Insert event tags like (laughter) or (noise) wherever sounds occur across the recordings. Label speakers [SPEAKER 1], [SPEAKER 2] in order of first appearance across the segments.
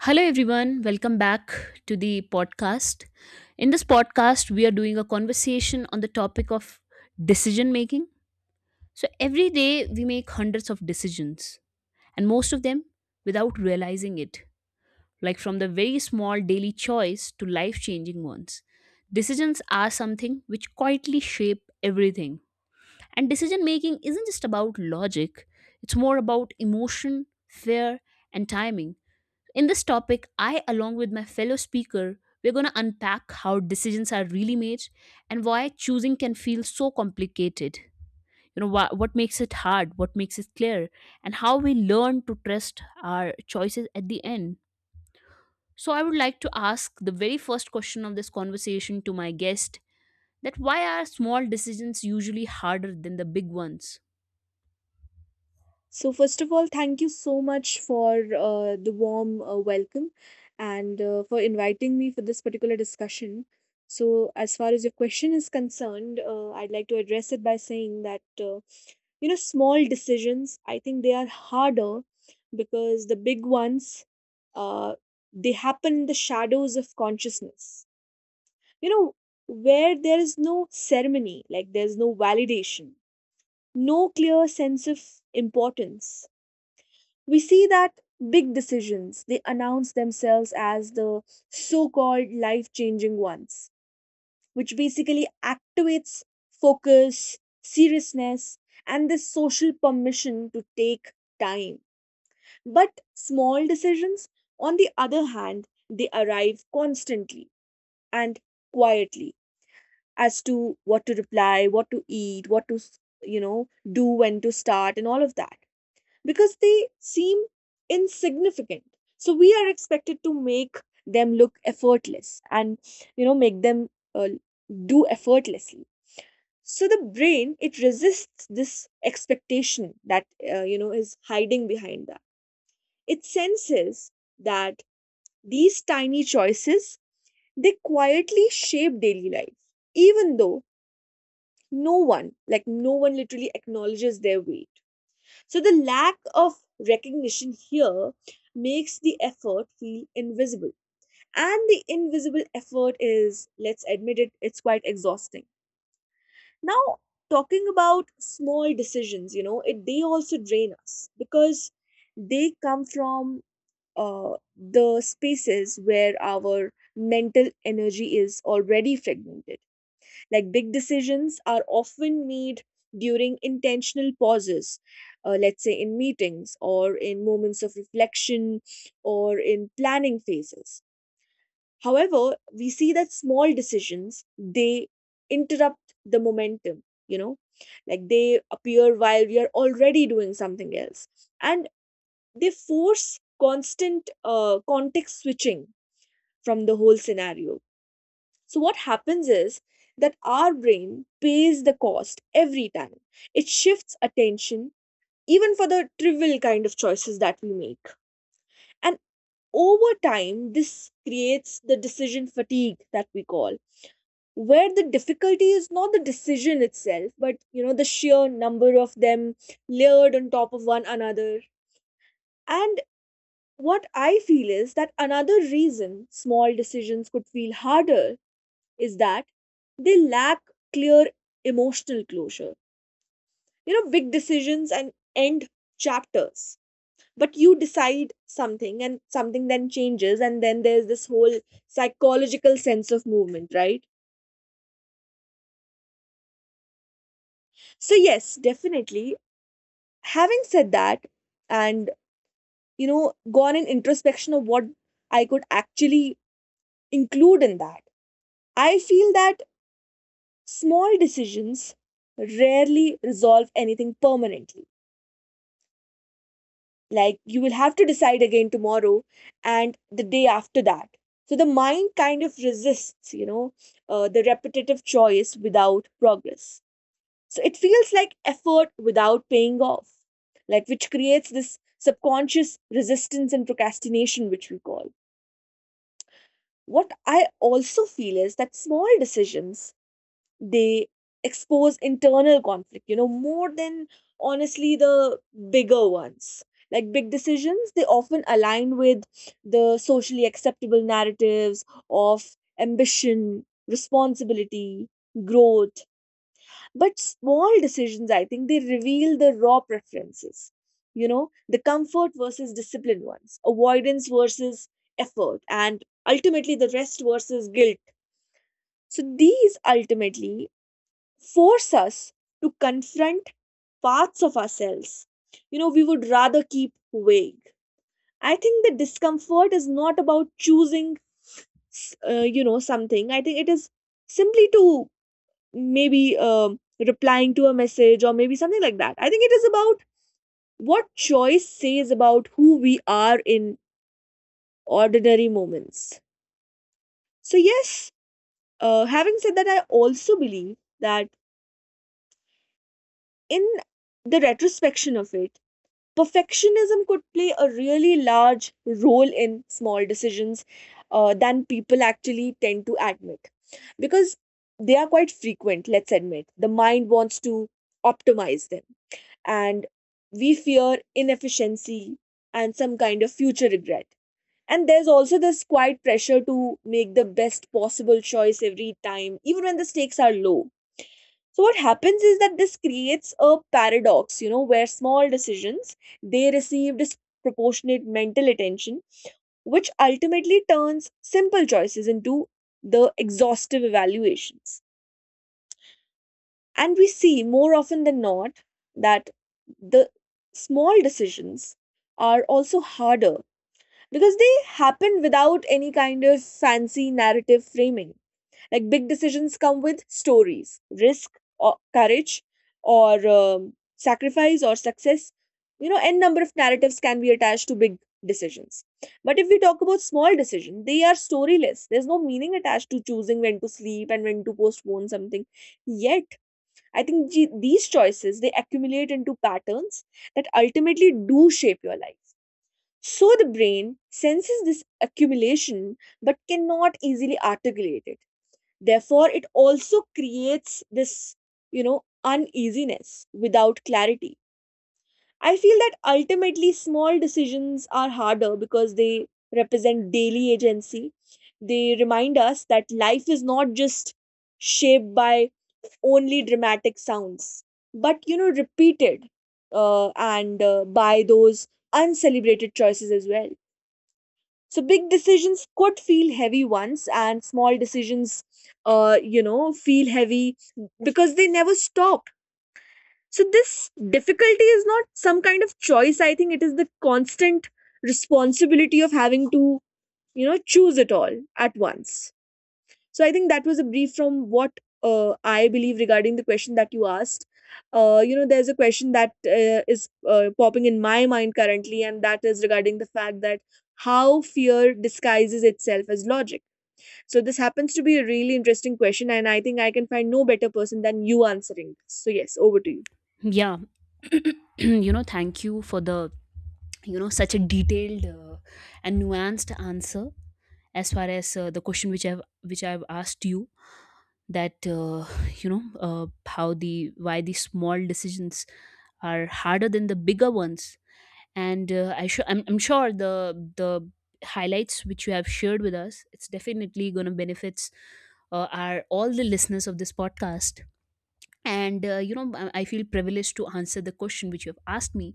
[SPEAKER 1] Hello, everyone. Welcome back to the podcast. In this podcast, we are doing a conversation on the topic of decision making. So, every day we make hundreds of decisions, and most of them without realizing it, like from the very small daily choice to life changing ones. Decisions are something which quietly shape everything. And decision making isn't just about logic, it's more about emotion, fear, and timing. In this topic, I, along with my fellow speaker, we're going to unpack how decisions are really made and why choosing can feel so complicated. You know, what makes it hard, what makes it clear, and how we learn to trust our choices at the end. So, I would like to ask the very first question of this conversation to my guest: that why are small decisions usually harder than the big ones?
[SPEAKER 2] So, first of all, thank you so much for the warm welcome and for inviting me for this particular discussion. So, as far as your question is concerned, I'd like to address it by saying that, small decisions, I think they are harder because the big ones, uh, they happen in the shadows of consciousness. You know, where there is no ceremony, like there's no validation, no clear sense of importance. We see that big decisions, they announce themselves as the so-called life-changing ones, which basically activates focus, seriousness, and this social permission to take time. But small decisions, on the other hand, they arrive constantly and quietly, as to what to reply, what to eat, what to, you know do, when to start, and all of that, because they seem insignificant. So we are expected to make them look effortless and make them uh, do effortlessly. So the brain, it resists this expectation that is hiding behind that. It senses that these tiny choices, they quietly shape daily life, even though no one, like no one, literally acknowledges their weight. So the lack of recognition here makes the effort feel invisible. And the invisible effort is, let's admit it, it's quite exhausting. Now, talking about small decisions, they also drain us because they come from the spaces where our mental energy is already fragmented. Like, big decisions are often made during intentional pauses, let's say in meetings, or in moments of reflection, or in planning phases. However, we see that small decisions, they interrupt the momentum, like they appear while we are already doing something else, and they force constant context switching from the whole scenario. So what happens is that our brain pays the cost every time. It shifts attention even for the trivial kind of choices that we make. And over time, this creates the decision fatigue that we call, where the difficulty is not the decision itself, but the sheer number of them layered on top of one another. And what I feel is that another reason small decisions could feel harder is that they lack clear emotional closure. You know, big decisions and end chapters. But you decide something and something then changes, and then there's this whole psychological sense of movement, right? So, yes, definitely. Having said that, and gone in introspection of what I could actually include in that, I feel that small decisions rarely resolve anything permanently. Like, you will have to decide again tomorrow and the day after that. So the mind kind of resists, the repetitive choice without progress. So it feels like effort without paying off, like, which creates this subconscious resistance and procrastination, which we call. What I also feel is that small decisions, they expose internal conflict, more than honestly the bigger ones. Like big decisions, they often align with the socially acceptable narratives of ambition, responsibility, growth. But small decisions, I think they reveal the raw preferences, the comfort versus discipline ones, avoidance versus effort, and ultimately the rest versus guilt. So these ultimately force us to confront parts of ourselves we would rather keep vague. I think the discomfort is not about choosing something. I think it is simply to, maybe, replying to a message or maybe something like that. I think it is about what choice says about who we are in ordinary moments. So yes, having said that, I also believe that in the retrospection of it, perfectionism could play a really large role in small decisions, than people actually tend to admit, because they are quite frequent. Let's admit, the mind wants to optimize them, and we fear inefficiency and some kind of future regret. And there's also this quiet pressure to make the best possible choice every time, even when the stakes are low. So what happens is that this creates a paradox, where small decisions, they receive disproportionate mental attention, which ultimately turns simple choices into the exhaustive evaluations. And we see, more often than not, that the small decisions are also harder because they happen without any kind of fancy narrative framing. Like, big decisions come with stories, risk or courage, or sacrifice or success. You know, n number of narratives can be attached to big decisions. But if we talk about small decisions, they are storyless. There's no meaning attached to choosing when to sleep and when to postpone something. Yet, I think gee, these choices, they accumulate into patterns that ultimately do shape your life. So the brain senses this accumulation but cannot easily articulate it. Therefore, it also creates this, uneasiness without clarity. I feel that ultimately small decisions are harder because they represent daily agency. They remind us that life is not just shaped by only dramatic sounds, but, repeated and by those uncelebrated choices as well. So big decisions could feel heavy once, and small decisions, feel heavy because they never stop. So this difficulty is not some kind of choice. I think it is the constant responsibility of having to, choose it all at once. So I think that was a brief from what I believe regarding the question that you asked. There's a question that is popping in my mind currently, and that is regarding the fact that how fear disguises itself as logic. So this happens to be a really interesting question, and I think I can find no better person than you answering this. So yes, over to you.
[SPEAKER 1] Yeah, (clears throat) you know, thank you for the, you know, such a detailed and nuanced answer as far as the question which I've asked you, that you know, how the why the small decisions are harder than the bigger ones. And I sure I'm sure the highlights which you have shared with us it's definitely going to benefits are all the listeners of this podcast and you know, I feel privileged to answer the question which you have asked me,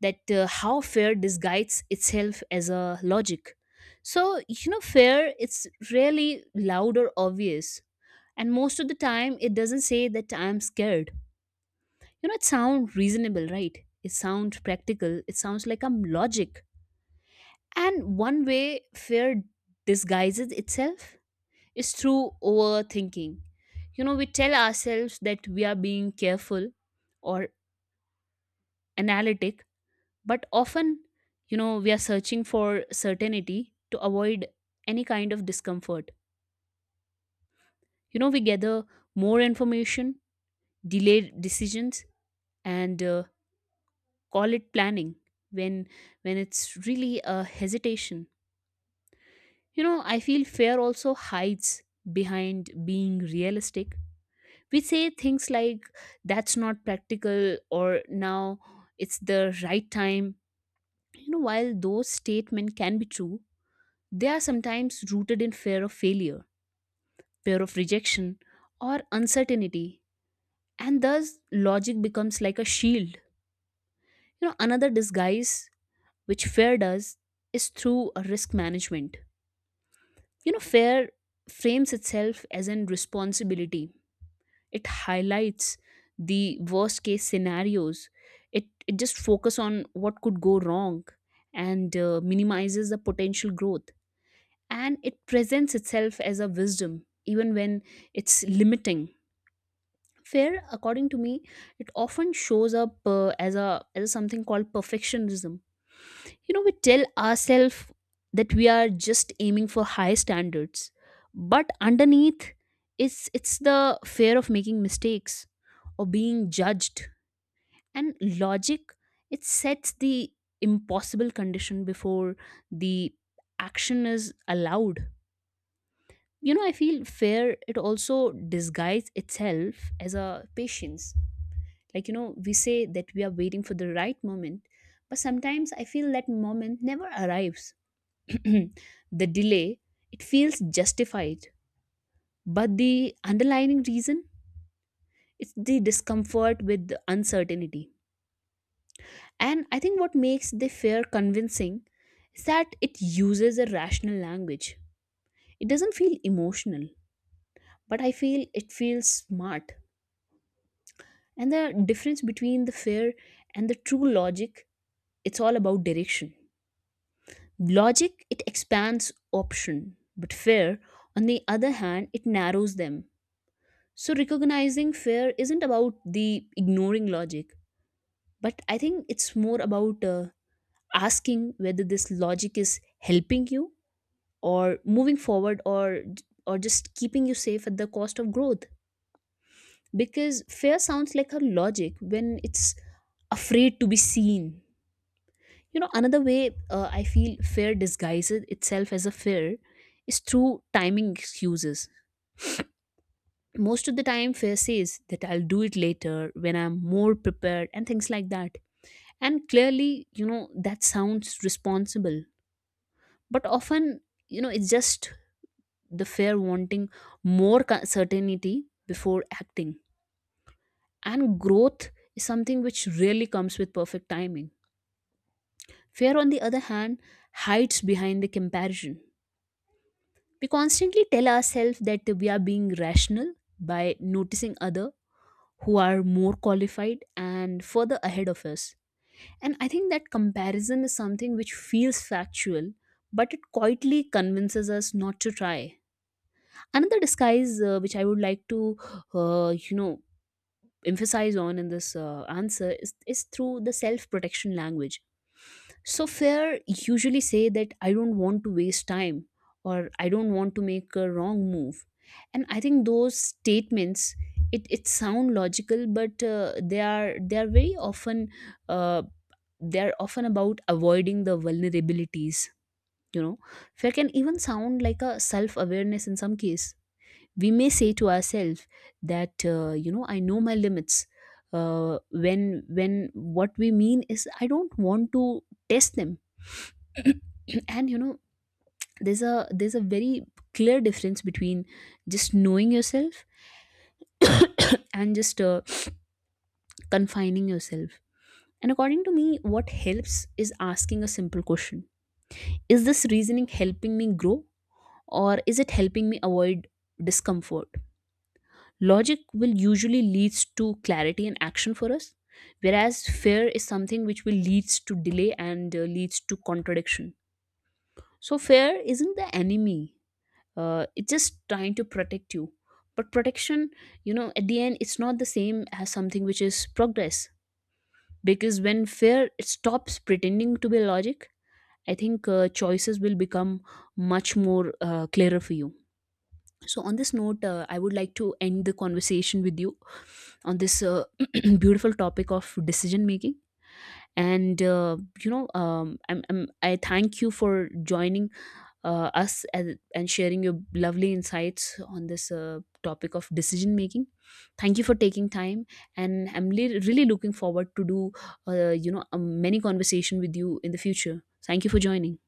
[SPEAKER 1] that how fear disguises itself as a logic. So you know, fear it's really loud or obvious, and most of the time it doesn't say that I'm scared. You know, it sounds reasonable, right? It sounds practical, it sounds like I'm logic. And one way fear disguises itself is through overthinking. You know, we tell ourselves that we are being careful or analytic, but often, you know, we are searching for certainty to avoid any kind of discomfort. You know, we gather more information, delay decisions, and call it planning when it's really a hesitation. You know, I feel fear also hides behind being realistic. We say things like that's not practical or now it's the right time. You know, while those statements can be true, they are sometimes rooted in fear of failure, fear of rejection, or uncertainty, and thus logic becomes like a shield. You know, another disguise which fear does is through a risk management. You know, fear frames itself as an responsibility. It highlights the worst case scenarios. It just focuses on what could go wrong and minimizes the potential growth, and it presents itself as a wisdom even when it's limiting. Fear, according to me, it often shows up as a as something called perfectionism. You know, we tell ourselves that we are just aiming for high standards, but underneath, it's the fear of making mistakes or being judged. And logic, it sets the impossible condition before the action is allowed. You know, I feel fear it also disguises itself as a patience. Like, you know, we say that we are waiting for the right moment, but sometimes I feel that moment never arrives. (clears throat) The delay, it feels justified, but the underlying reason, it's the discomfort with the uncertainty. And I think what makes the fear convincing is that it uses a rational language. It doesn't feel emotional, but I feel it feels smart. And the difference between the fear and the true logic, it's all about direction. Logic, it expands option, but fear, on the other hand, it narrows them. So recognizing fear isn't about the ignoring logic, but I think it's more about asking whether this logic is helping you or moving forward, or just keeping you safe at the cost of growth, because fear sounds like a logic when it's afraid to be seen. You know, another way, I feel fear disguises itself as a fear is through timing excuses. Most of the time fear says that I'll do it later when I'm more prepared and things like that. And clearly, you know, that sounds responsible, but often, you know, it's just the fear wanting more certainty before acting. And growth is something which really comes with perfect timing. Fear, on the other hand, hides behind the comparison. We constantly tell ourselves that we are being rational by noticing other who are more qualified and further ahead of us. And I think that comparison is something which feels factual, but it quietly convinces us not to try. Another disguise, which I would like to, you know, emphasize on in this answer, is through the self protection language. So, fear usually say that I don't want to waste time or I don't want to make a wrong move. And I think those statements it, it sound logical, but they are very often uh, they are often about avoiding the vulnerabilities. You know, fear can even sound like a self awareness in some case. We may say to ourselves that you know, I know my limits, uh, when what we mean is I don't want to test them. (clears throat) And you know, there's a very clear difference between just knowing yourself and just confining yourself. And according to me, what helps is asking a simple question: is this reasoning helping me grow, or is it helping me avoid discomfort? Logic will usually leads to clarity and action for us, whereas fear is something which will leads to delay and leads to contradiction. So fear isn't the enemy. It's just trying to protect you. But protection, you know, at the end, it's not the same as something which is progress. Because when fear it stops pretending to be logic, I think choices will become much more clearer for you. So, on this note, I would like to end the conversation with you on this (clears throat) beautiful topic of decision making. And you know, I thank you for joining us, and sharing your lovely insights on this topic of decision making. Thank you for taking time, and I'm really looking forward to do you know, many conversation with you in the future. Thank you for joining.